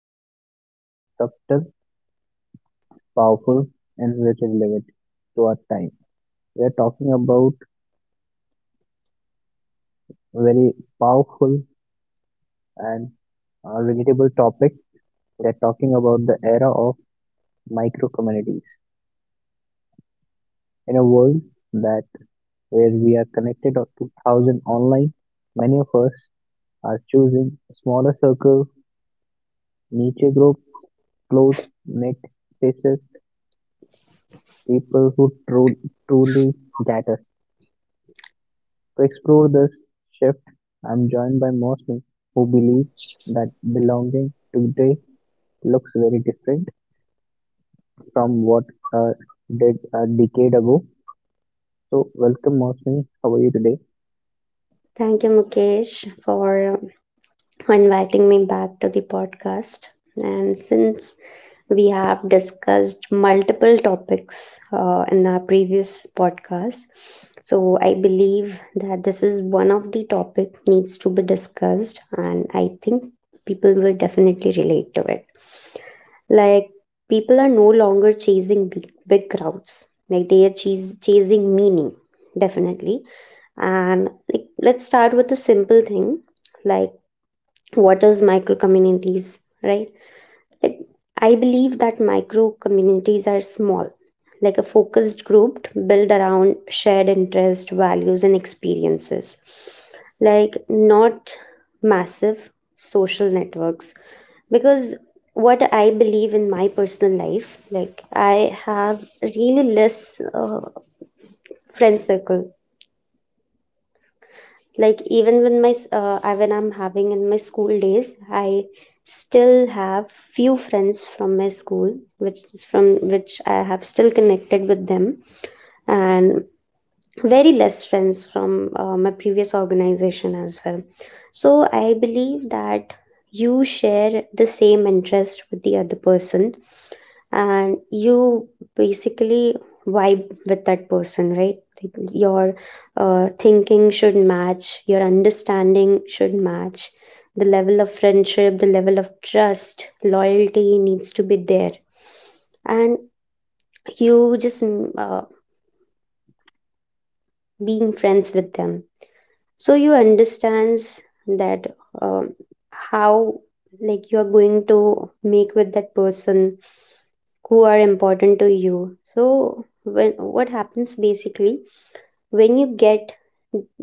something subtle, powerful, and very relevant to our time. We are talking about very powerful and relatable topic. We are talking about the era of micro communities in a world that where we are connected up to thousand online. Many of us are choosing smaller circle, niche group, close knit spaces, people who tru- truly get us. To explore this shift, I am joined by Mosley, who believes that belonging today looks very different from what uh, did a decade ago. So, welcome, Mosley. How are you today? Thank you, Mukesh, for inviting me back to the podcast. And since we have discussed multiple topics in our previous podcast, so I believe that this is one of the topic needs to be discussed, and I think people will definitely relate to it. Like people are no longer chasing big, big crowds. Like they are chasing meaning, definitely. And like let's start with a simple thing. Like what is micro communities, right? Like I believe that micro communities are small, like a focused group built around shared interest values and experiences, like not massive social networks. Because what I believe in my personal life, like I have really less friend circle. Like even when I'm having in my school days, I still have few friends from my school, which from which I have still connected with them. And very less friends from my previous organization as well. So I believe that you share the same interest with the other person, and you basically vibe with that person, right? Like your thinking should match, your understanding should match, the level of friendship, the level of trust, loyalty needs to be there. And you just being friends with them, so you understands that um, how like you are going to make with that person who are important to you. So when what happens basically, when you get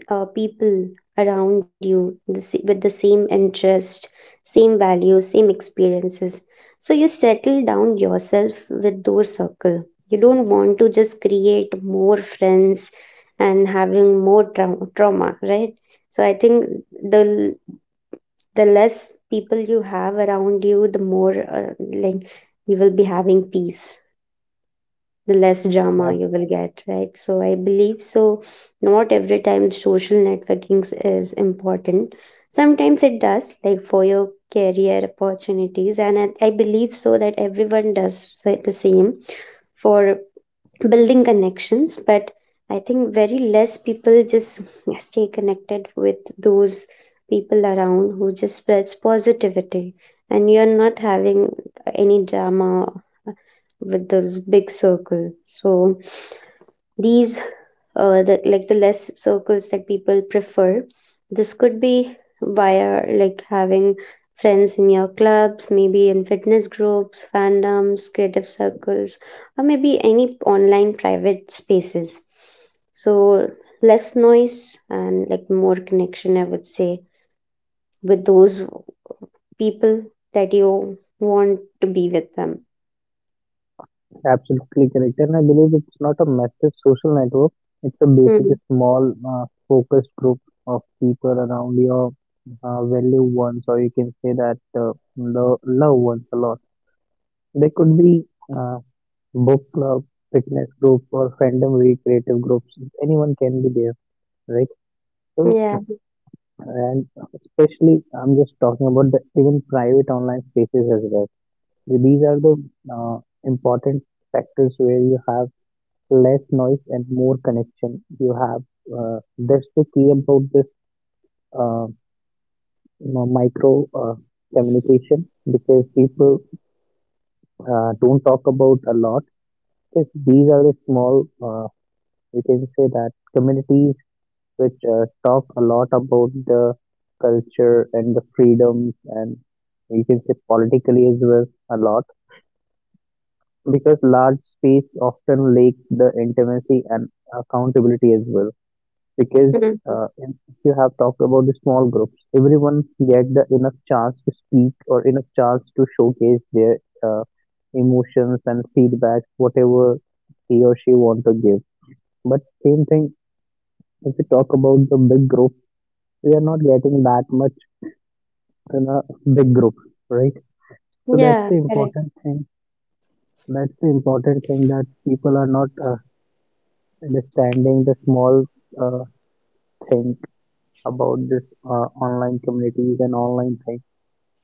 people around you with the same interest, same values, same experiences, so you settle down yourself with those circle. You don't want to just create more friends and having more trauma, right? So I think the l- the less people you have around you, the more uh, like you will be having peace, the less drama you will get, right? So I believe so. Not every time social networking is important. Sometimes it does, like for your career opportunities, and I believe so that everyone does the same for building connections. But I think very less people just stay connected with those people around who just spreads positivity, and you're not having any drama with those big circle. So these like the less circles that people prefer, this could be via like having friends in your clubs, maybe in fitness groups, fandoms, creative circles, or maybe any online private spaces. So less noise and like more connection, I would say, with those people that you want to be with them. Absolutely correct. And I believe it's not a massive social network, it's a basic, Mhm. small, focused group of people around your value ones, or you can say that the loved ones a lot. They could be. Uh, Book club, fitness group, or fandom week, creative groups. Anyone can be there, right? So, Yeah. and especially, I'm just talking about the even private online spaces as well. So these are the uh, important factors where you have less noise and more connection. You have that's the key about this uh, micro communication because people don't talk about a lot. Because these are the small, we can say that communities which talk a lot about the culture and the freedoms, and you can say politically as well a lot, because large space often lacks the intimacy and accountability as well. Because Mhm. If you have talked about the small groups, everyone get the enough chance to speak or enough chance to showcase their uh, emotions and feedback, whatever he or she want to give. But same thing, if you talk about the big group, we are not getting that much in a big group, right? So that's Yeah. the Correct. important thing. That's the important thing that people are not understanding the small uh, thing about this online communities and online thing.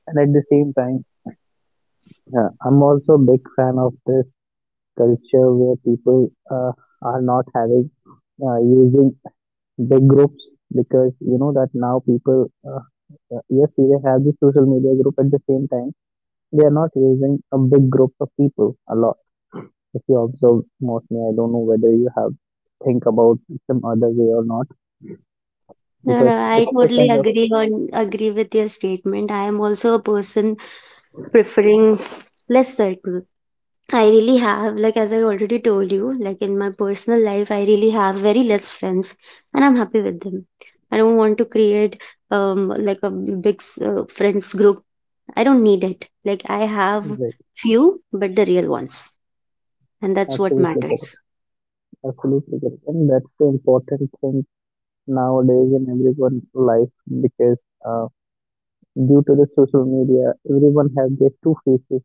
And at the same time, I'm also a big fan of this culture where people are not having using big groups, because you know that now people yes, they have the social media group at the same time. They are not using a big group of people a lot. If you observe, mostly I don't know whether you have think about some other way or not, No, no, but I it's a totally kind of agree with your statement. I am also a person preferring less circle. I really have, like as I already told you, like in my personal life, I really have very less friends, and I'm happy with them. I don't want to create like a big friends group. I don't need it. Like I have like. few, but the real ones, and that's what Absolutely correct, matters. absolutely correct, and that's the important thing nowadays in everyone's life. Because uh, due to the social media, everyone have their two faces.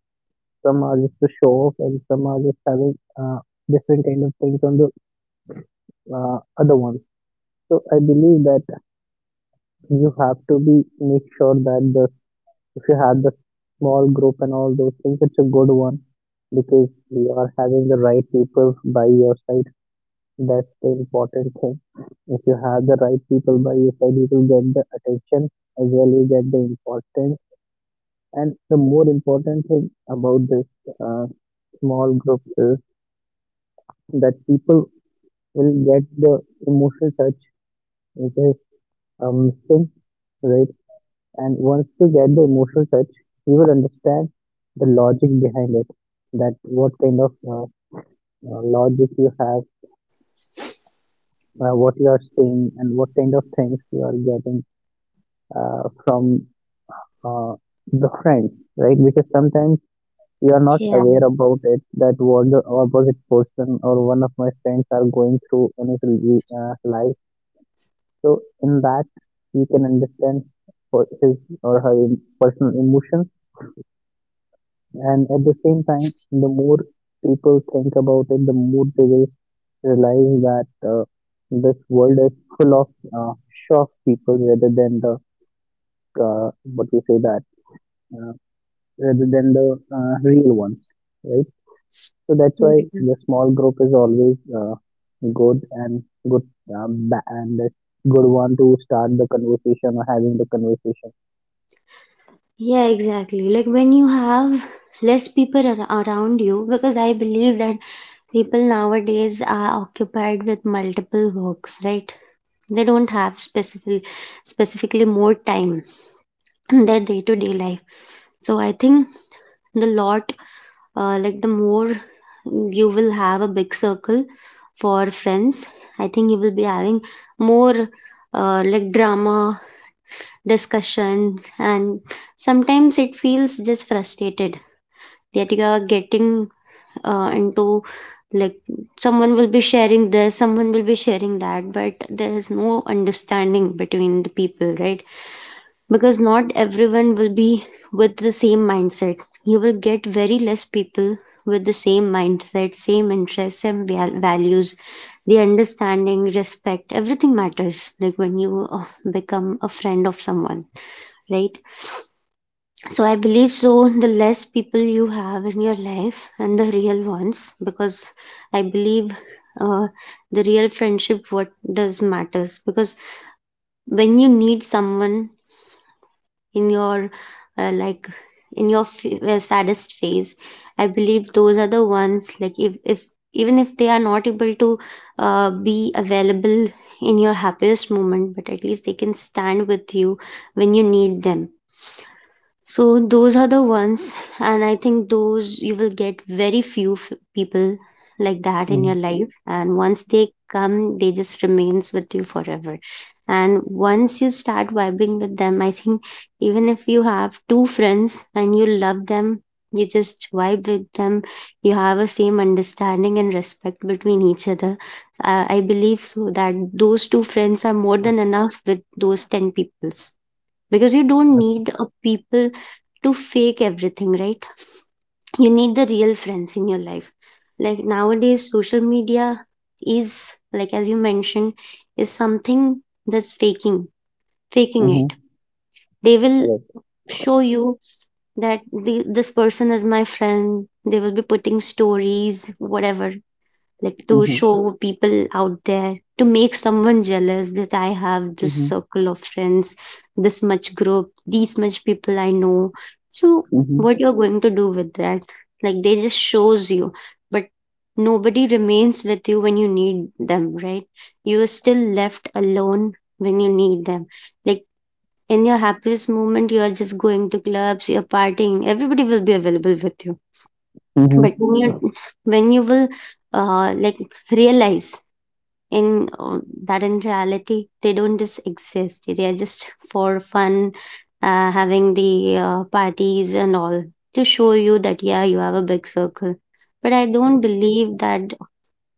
Some are just to show off and some are just having uh, different kind of things on the other ones. So I believe that you have to be make sure that the, if you had the small group and all those things, it's a good one because you are having the right people by your side. That's the important thing. If you have the right people by your side, you will get the attention as well. You get the importance. And the more important thing about this uh, small group is that people will get the emotional touch, which is thing, right? And once you get the emotional touch, you will understand the logic behind it. That what kind of logic you have, what you are saying, and what kind of things you are getting from uh, the friends, right? Because sometimes Yeah. you are not aware about it that what the opposite person or one of my friends are going through in his life. So in that, you can understand for his personal emotions. And at the same time, the more people think about it, the more they will realize that this world is full of uh, shock people rather than the what you say that uh, rather than the real ones, right? So that's why Mm. the small group is always good and and a good one to start the conversation or having the conversation. Yeah, exactly. Like when you have less people around you, because I believe that people nowadays are occupied with multiple works, right? They don't have specifically more time in their day to day life. So I think the lot, like the more you will have a big circle for friends, I think you will be having more like drama discussion, and sometimes it feels just frustrated that you are getting into like someone will be sharing this, someone will be sharing that, but there is no understanding between the people, right? Because not everyone will be with the same mindset. You will get very less people with the same mindset, same interests, same values. The understanding, respect, everything matters, like when you become a friend of someone, right? So I believe so. The less people you have in your life and the real ones, because I believe uh, the real friendship what does matters. Because when you need someone in your like in your saddest phase, I believe those are the ones. Like if even if they are not able to be available in your happiest moment, but at least they can stand with you when you need them. So those are the ones, and I think those you will get very few people like that in your Mm-hmm. life. And once they come, they just remains with you forever. And once you start vibing with them, I think even if you have two friends and you love them, you just vibe with them. You have a same understanding and respect between each other. I believe so that those two friends are more than enough with those 10 peoples, because you don't need a people to fake everything, right? You need the real friends in your life. Like nowadays, social media is, like as you mentioned, is something that's faking it. Mm-hmm. They will Right. show you that this person is my friend. They will be putting stories, whatever, like to Mm-hmm. show people out there, to make someone jealous that I have this Mm-hmm. circle of friends, this much group, these much people I know. So what you're going to do with that? Like they just shows you, but nobody remains with you when you need them, right? You are still left alone when you need them. Like in your happiest moment, you are just going to clubs, you're partying, everybody will be available with you. Mm-hmm. But when you will like realize in that in reality they don't just exist, they are just for fun, having the parties and all, to show you that yeah you have a big circle. But I don't believe that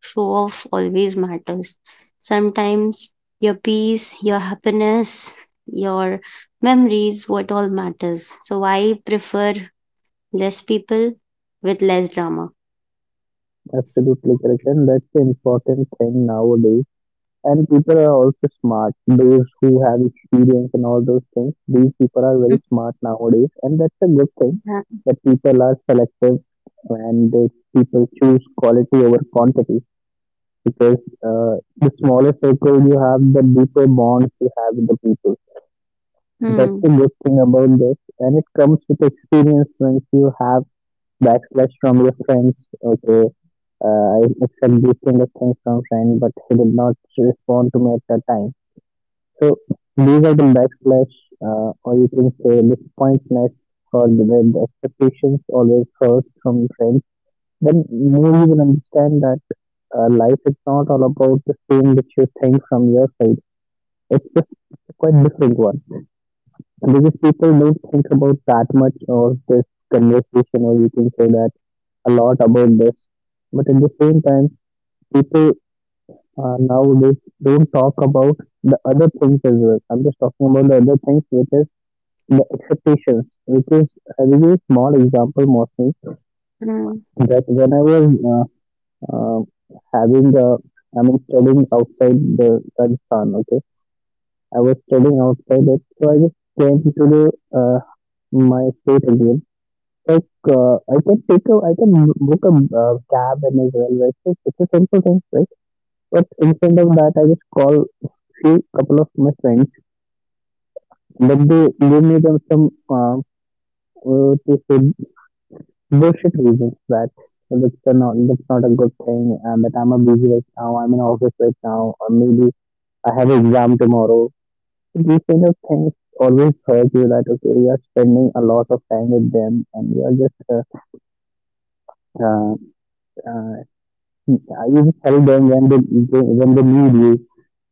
show off always matters. Sometimes your peace, your happiness, your memories, what all matters. So I prefer less people with less drama. Absolutely correct, and that's the important thing nowadays. And people are also smart. Those who have experience and all those things, these people are very smart nowadays, and that's a good thing that people are selective, and people choose quality over quantity. Because the smaller circle you have, the deeper bonds you have with the people. That's the Mm, good thing about this, and it comes with experience once you have backlash from your friends. Okay, I accept these kind of things from friend, but he did not respond to me at that time. So these are the backslash, or you can say disappointments, or the, where the expectations always hurt from friends. Then more you will understand that life is not all about the same which you think from your side. It's just a quite different one. And because people don't think about that much or this conversation, or you can say that a lot about this. But at the same time, people nowadays don't talk about the other things as well. I'm just talking about the other things, which is the expectations. Which is I give a small example, Mostly, mm, that when I was uh, uh, having the, I mean, studying outside the Rajasthan, okay, I was studying outside it, so I just came to the uh, my state again. Like I can book a cab and as well, right? It's a simple thing, right? But instead of that, I just call few couple of my friends, but they me up some to say bullshit reasons that that's not a good thing. But I'm a busy right now. I'm in office right now, or maybe I have an exam tomorrow. These kind of things always hurt you that okay, you are spending a lot of time with them, and you are just uh, uh, you just help them when they need you.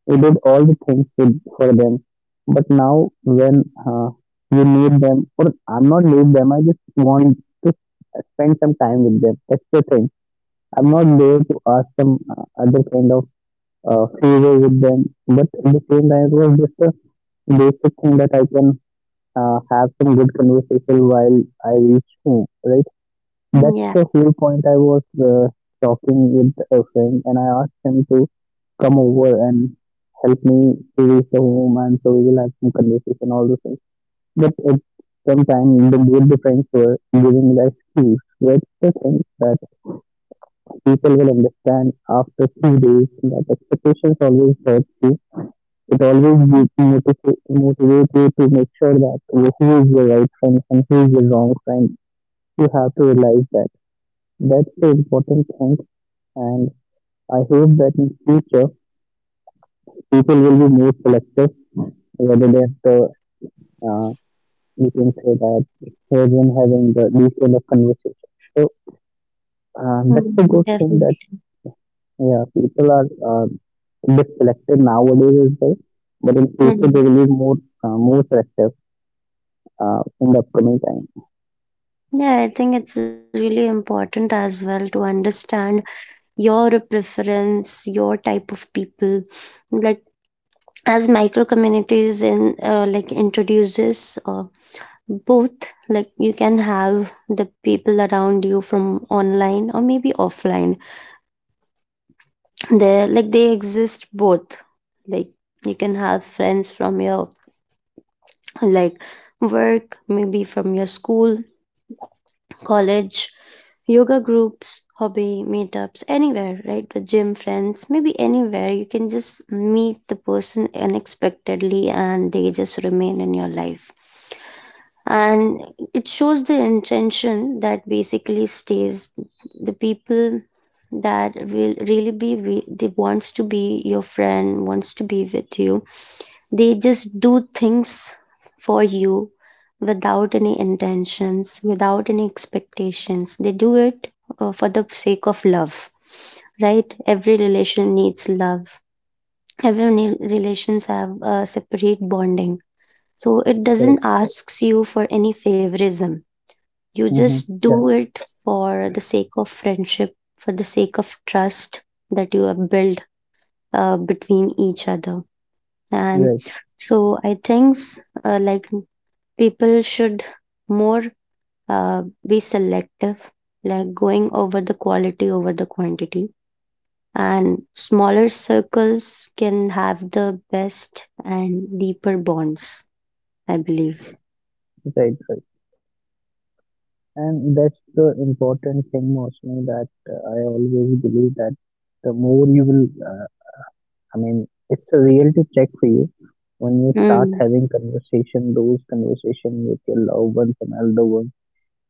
We did all the things with, for them, but now when you need them, or I'm not need them, I just want to spend some time with them. That's the thing. I'm not there to ask some other kind of favor with them, but at the same time, it was just a basic thing that I can have some good conversation while I reach home, right? That's mm, yeah, the whole point I was talking with a friend, and I asked him to come over and help me to reach the home, and so we will have some conversation, all those things. But at some time, the good, the friends were giving the excuse. That's the thing that people will understand after few days that expectations always hurt you. It always gives you motivate you to make sure that who is your right friend and who is your wrong friend. You have to realize that. That's the important thing, and I hope that in future people will be more selective whether they have to, uh, we can say that it's children having these kind of conversation. So that's a good mm, thing that definitely. yeah, people are a bit selective nowadays as well, but in future they Mm. will be more more selective in the upcoming time. Yeah, I think it's really important as well to understand your preference, your type of people. Like as micro communities in like introduces both, like you can have the people around you from online or maybe offline. They exist both. Like you can have friends from your like work, maybe from your school, college, yoga groups, hobby meetups, anywhere, right? The gym friends, maybe anywhere. You can just meet the person unexpectedly and they just remain in your life. And it shows the intention that basically stays the people that will really be they wants to be your friend, wants to be with you, they just do things for you without any intentions, without any expectations. They do it for the sake of love, right? Every relation needs love. Every relations have a separate bonding. So it doesn't Correct. asks you for any favorism. You Mm-hmm. just do Correct. it for the sake of friendship, for the sake of trust that you have built between each other, and Right. so I think, like people should more, uh, be selective, like going over the quality over the quantity, and smaller circles can have the best and deeper bonds, I believe. Right. Right. And that's the important thing, mostly, that I always believe that the more you will I mean, it's a reality check for you when you start Mm. having conversation, those conversation with your loved ones and elder ones.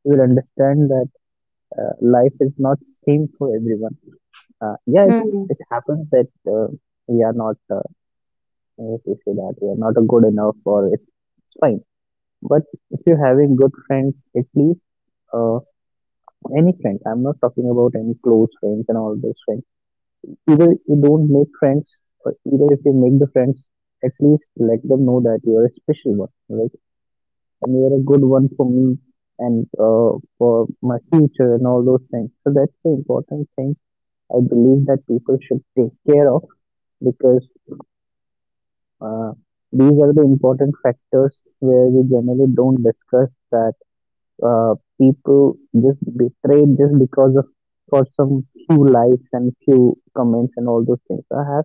You will understand that life is not same for everyone. Yeah, it's, Mm. it happens that we are not, if you say that we are not a good enough, or it's fine. But if you're having good friends, at least uh, any friend. I'm not talking about any close friends and all those friends. Either you don't make friends, or either if you make the friends, at least let them know that you are a special one, right? And you are a good one for me and for my future and all those things. So that's the important thing I believe that people should take care of, because uh, these are the important factors where we generally don't discuss that uh, people just betray just because of for some few likes and few comments and all those things. I have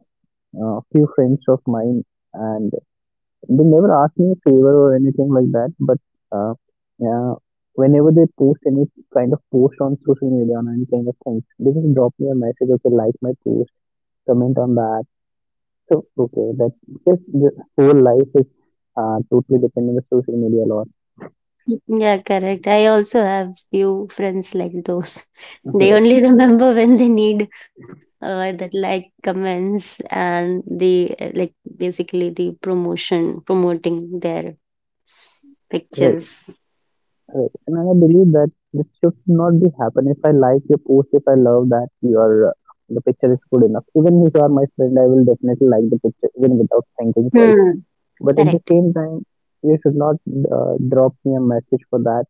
few friends of mine, and they never ask me a favor or anything like that. But uh, yeah, whenever they post any kind of post on social media on any kind of things, they just drop me a message. Okay, like my post, comment on that. So okay, that just the whole life is totally dependent on the social media a lot, Yeah, correct. I also have few friends like those. They only remember when they need that like comments and the like basically the promotion promoting their right? pictures. Correct. And I believe that this should not be happen. If I like your post, if I love that your the picture is good enough. Even if you are my friend, I will definitely like the picture even without thinking twice. Hmm. But at the Correct. same time, you should not drop me a message for that.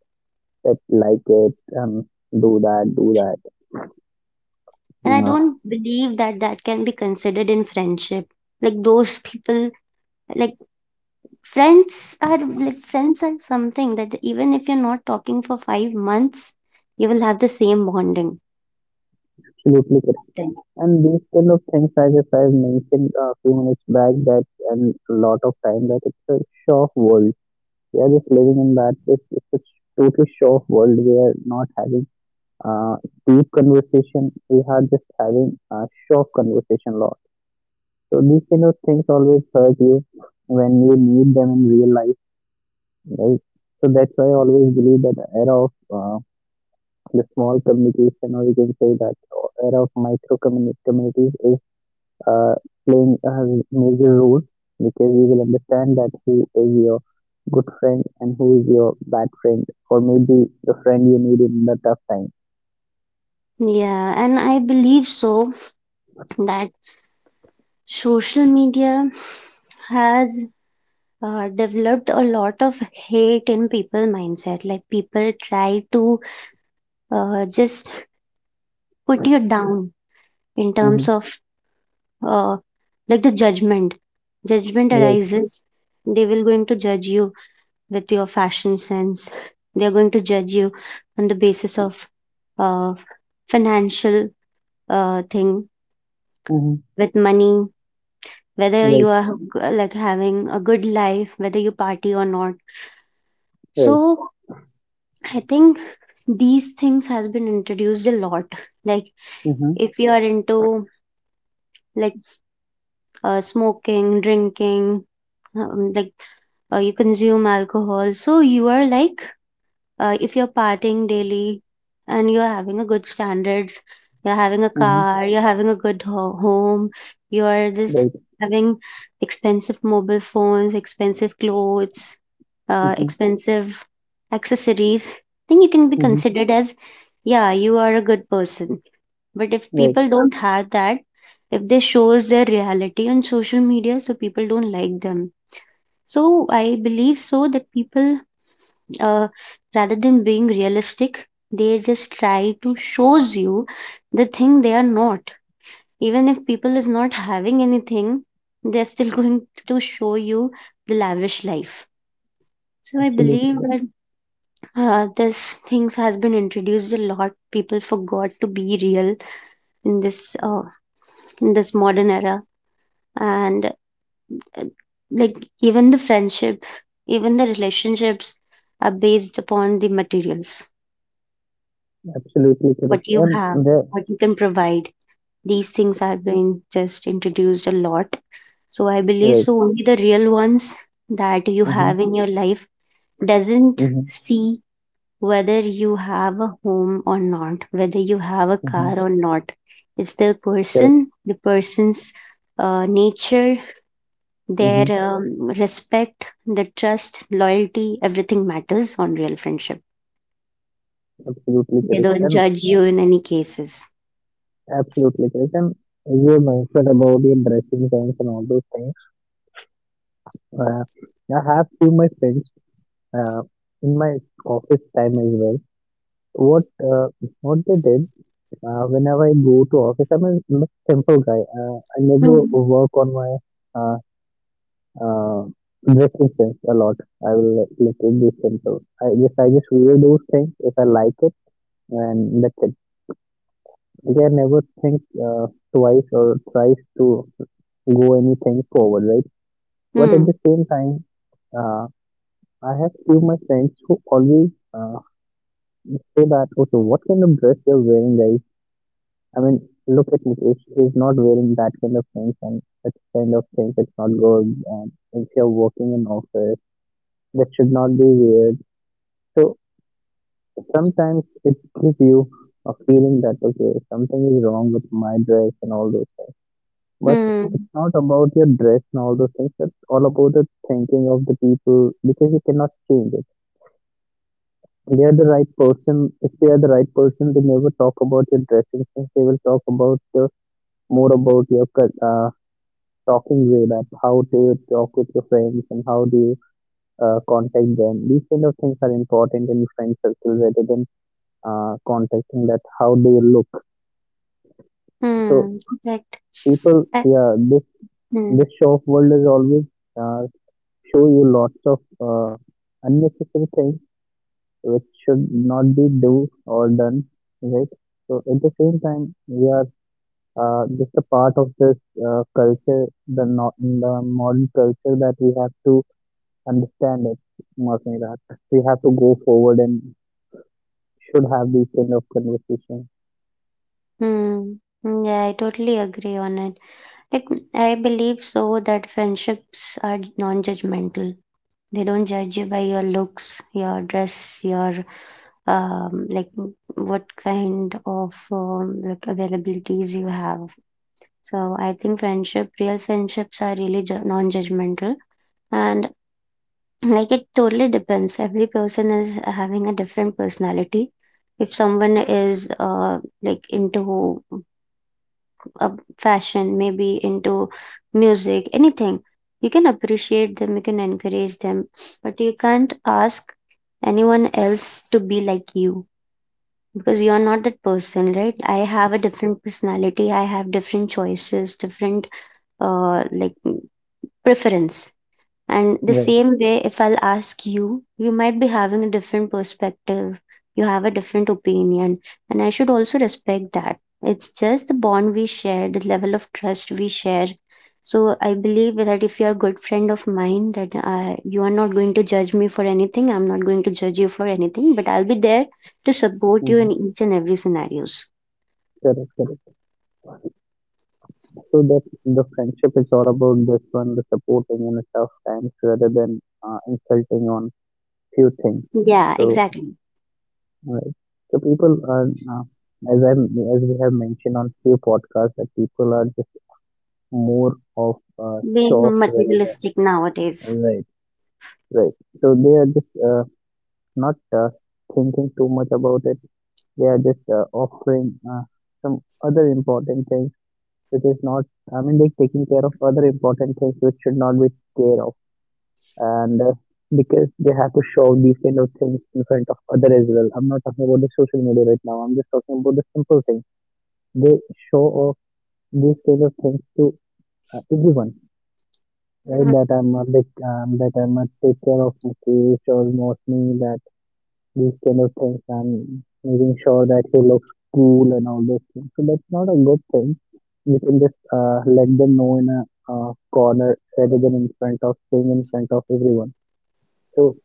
That like it, do that, do that. And I Uh, don't believe that that can be considered in friendship. Like those people, like like friends are something that even if you're not talking for 5 months, you will have the same bonding. absolutely correct. And these kind of things, as if I mentioned a few minutes back, that and a lot of time that it's a show off world. We are just living in that it's a totally show off world. We are not having uh, deep conversation. We are just having a show off conversation a lot. So these kind of things always hurt you when you need them in real life, right? So that's why I always believe that the era of the small communication, or you can say that era of micro communities, is uh, playing a major role because you will understand that who is your good friend and who is your bad friend, or maybe the friend you need in the tough time. Yeah, and I believe so that social media has developed a lot of hate in people mindset. Like people try to just put you down in terms Mm-hmm. of uh, like the judgment. Judgment Right. arises. They will going to judge you with your fashion sense. They are going to judge you on the basis of uh, financial thing Mm-hmm. with money, whether you Right. are, Mhm, like having a good life, whether you party or not. Right. So I think these things has been introduced a lot. Like, Mm-hmm. if you are into like smoking, drinking, um, like you consume alcohol, so you are like if you're partying daily and you're having a good standards, you're having a Mm-hmm. car, you're having a good home, you're just Right. having expensive mobile phones, expensive clothes, Mm-hmm. expensive accessories, then you can be Mm-hmm. considered as yeah, you are a good person. But if Right. people don't have that, if they shows their reality on social media, so people don't like them. So I believe so that people, uh, rather than being realistic, they just try to shows you the thing they are not. Even if people is not having anything, they're still going to show you the lavish life. So I Absolutely. believe Correct. that this things has been introduced a lot, people forgot to be real in this modern era. And uh, like even the friendship, even the relationships are based upon the materials, Absolutely what correct. you And have, the what you can provide. These things are being just introduced a lot. So I believe right. so only the real ones that you have Mm-hmm. in your life doesn't Mm-hmm. see whether you have a home or not, whether you have a Mm-hmm. car or not. It's the Correct. person, the person's nature, their Mm-hmm. Respect, the trust, loyalty, everything matters on real friendship. Absolutely They correct. don't And judge yeah, you in any cases. absolutely correct. And you mentioned about the dressing sense and all those things. Uh, I have few my friends uh, in my office time as well. What uh, what they did whenever I go to office, I'm a simple guy. I never Hmm. work on my uh, uh, dressing sense a lot. I will let it be simple. I just wear those things if I like it, and that's it. Like, I never think twice or thrice to go anything forward, right? But at Hmm. the same time, uh, I have few my friends who always say that okay, what kind of dress you're wearing, guys? I mean, look at Mukesh. He's not wearing that kind of things, and that kind of things it's not good. And if you're working in office, that should not be weird. So sometimes it gives you a feeling that okay, something is wrong with my dress and all those things. But Hmm. it's not about your dress and all those things. It's all about the thinking of the people because you cannot change it. They are the right person. If they are the right person, they never talk about your dressing sense. They will talk about the more about your talking way that how do you talk with your friends and how do you contact them. These kind of things are important in friend circle rather than contacting that how do you look. So Hmm, correct. people, I, yeah, hmm, this show of world is always uh, show you lots of unnecessary things which should not be do or done, right? So at the same time we are just a part of this culture, the not the modern culture, that we have to understand it, Mark Meera. We have to go forward and should have these kind of conversation. hmm. hmm, Yeah, I totally agree on it. Like, I believe so that friendships are non-judgmental. They don't judge you by your looks, your dress, your um, like what kind of availabilities you have. So I think friendship, real friendships are really non-judgmental. And like it totally depends, every person is having a different personality. If someone is into uh, fashion, maybe into music, anything, you can appreciate them, you can encourage them, but you can't ask anyone else to be like you because you're not that person, right? I have a different personality, I have different choices, different uh, like preference. And the Right. same way, if I'll ask you, you might be having a different perspective. You have a different opinion. And I should also respect that. It's just the bond we share, the level of trust we share. So I believe that if you're a good friend of mine, that you are not going to judge me for anything. I'm not going to judge you for anything, but I'll be there to support you Hmm. in each and every scenarios. Correct, correct. So that the friendship is all about this one, the supporting in the tough times rather than insulting on few things. Yeah, So, exactly. right. So people are, as I as we have mentioned on few podcasts, that people are just more of show Being off rather than materialistic nowadays. right, right. So they are just not thinking too much about it. They are just offering some other important things which is not. I mean, they're taking care of other important things which should not be care of, and because they have to show these kind of things in front of other as well. I'm not talking about the social media right now. I'm just talking about the simple things. They show off these kind of things to everyone, right? That I'm a big, that I'm a take care of my kids or most me, that these kind of things. I'm making sure that he looks cool and all those things. So that's not a good thing. You can just let them know in a corner rather than in front of staying in front of everyone. So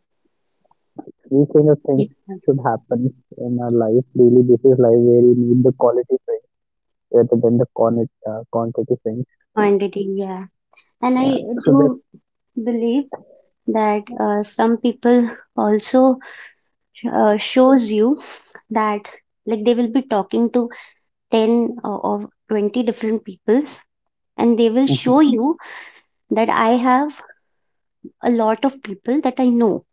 these kind of Yeah. things should happen in our life, daily is life, where you need the quality friends rather than the quantity, quantity friends. Quantity, yeah. And Yeah. I So that do believe that some people also shows you that like they will be talking to 10 or 20 different peoples, and they will mhm, show you that I have a lot of people that I know.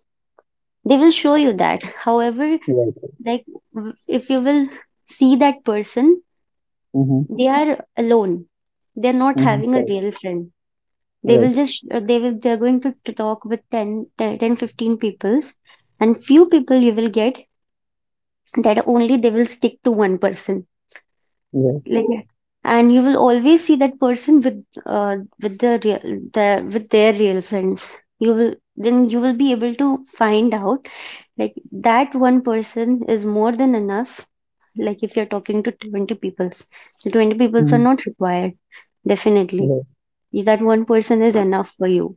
They will show you that. However, right, like w- if you will see that person, mm-hmm, they are alone. They're not mm-hmm, having a correct, real friend. They right, will just they will they're going to talk with 15 peoples, and few people you will get that only they will stick to one person, right, like yeah. And you will always see that person uh, with the real the with their real friends. You will then you will be able to find out like that one person is more than enough. Like if you're talking to 20 peoples, the 20 peoples mm-hmm, are not required, definitely. right, That one person is enough for you.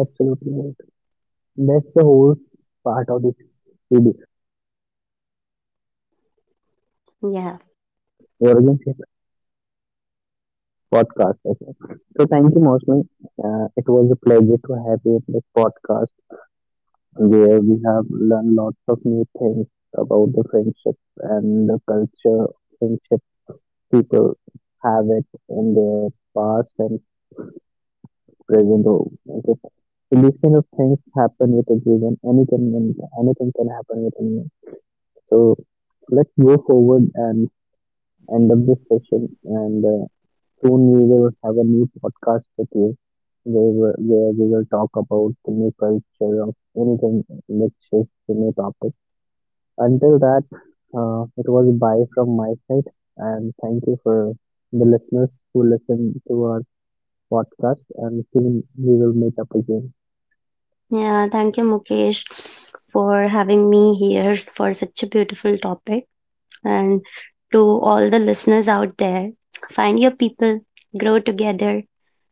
absolutely right. That's the whole part of this video Yeah. or Origins podcast. I think. So thank you, Mosman. It was a pleasure to have you in this podcast, where we have learned lots of new things about the friendship and the culture, friendship people have it in their past and present. Or okay. So these kind of things happen with everyone. Anything can happen with anyone. So let's go forward and end up this session. And soon we will have a new podcast with you where where we will talk about the new culture of anything which is the new topic. Until that, it was a bye from my side, and thank you for the listeners who listen to our podcast. And soon we will meet up again. Yeah, thank you, Mukesh, for having me here for such a beautiful topic. And to all the listeners out there, find your people, grow together,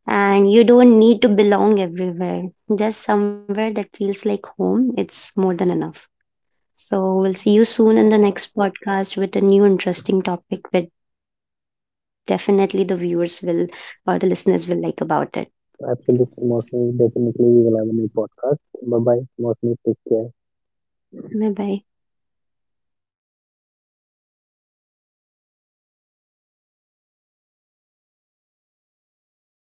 and you don't need to belong everywhere. Just somewhere that feels like home, it's more than enough. So we'll see you soon in the next podcast with a new interesting topic that definitely the viewers will or the listeners will like about it. Absolutely, Mostly, definitely we will have a new podcast. Bye bye, Mostly, take care. Bye bye.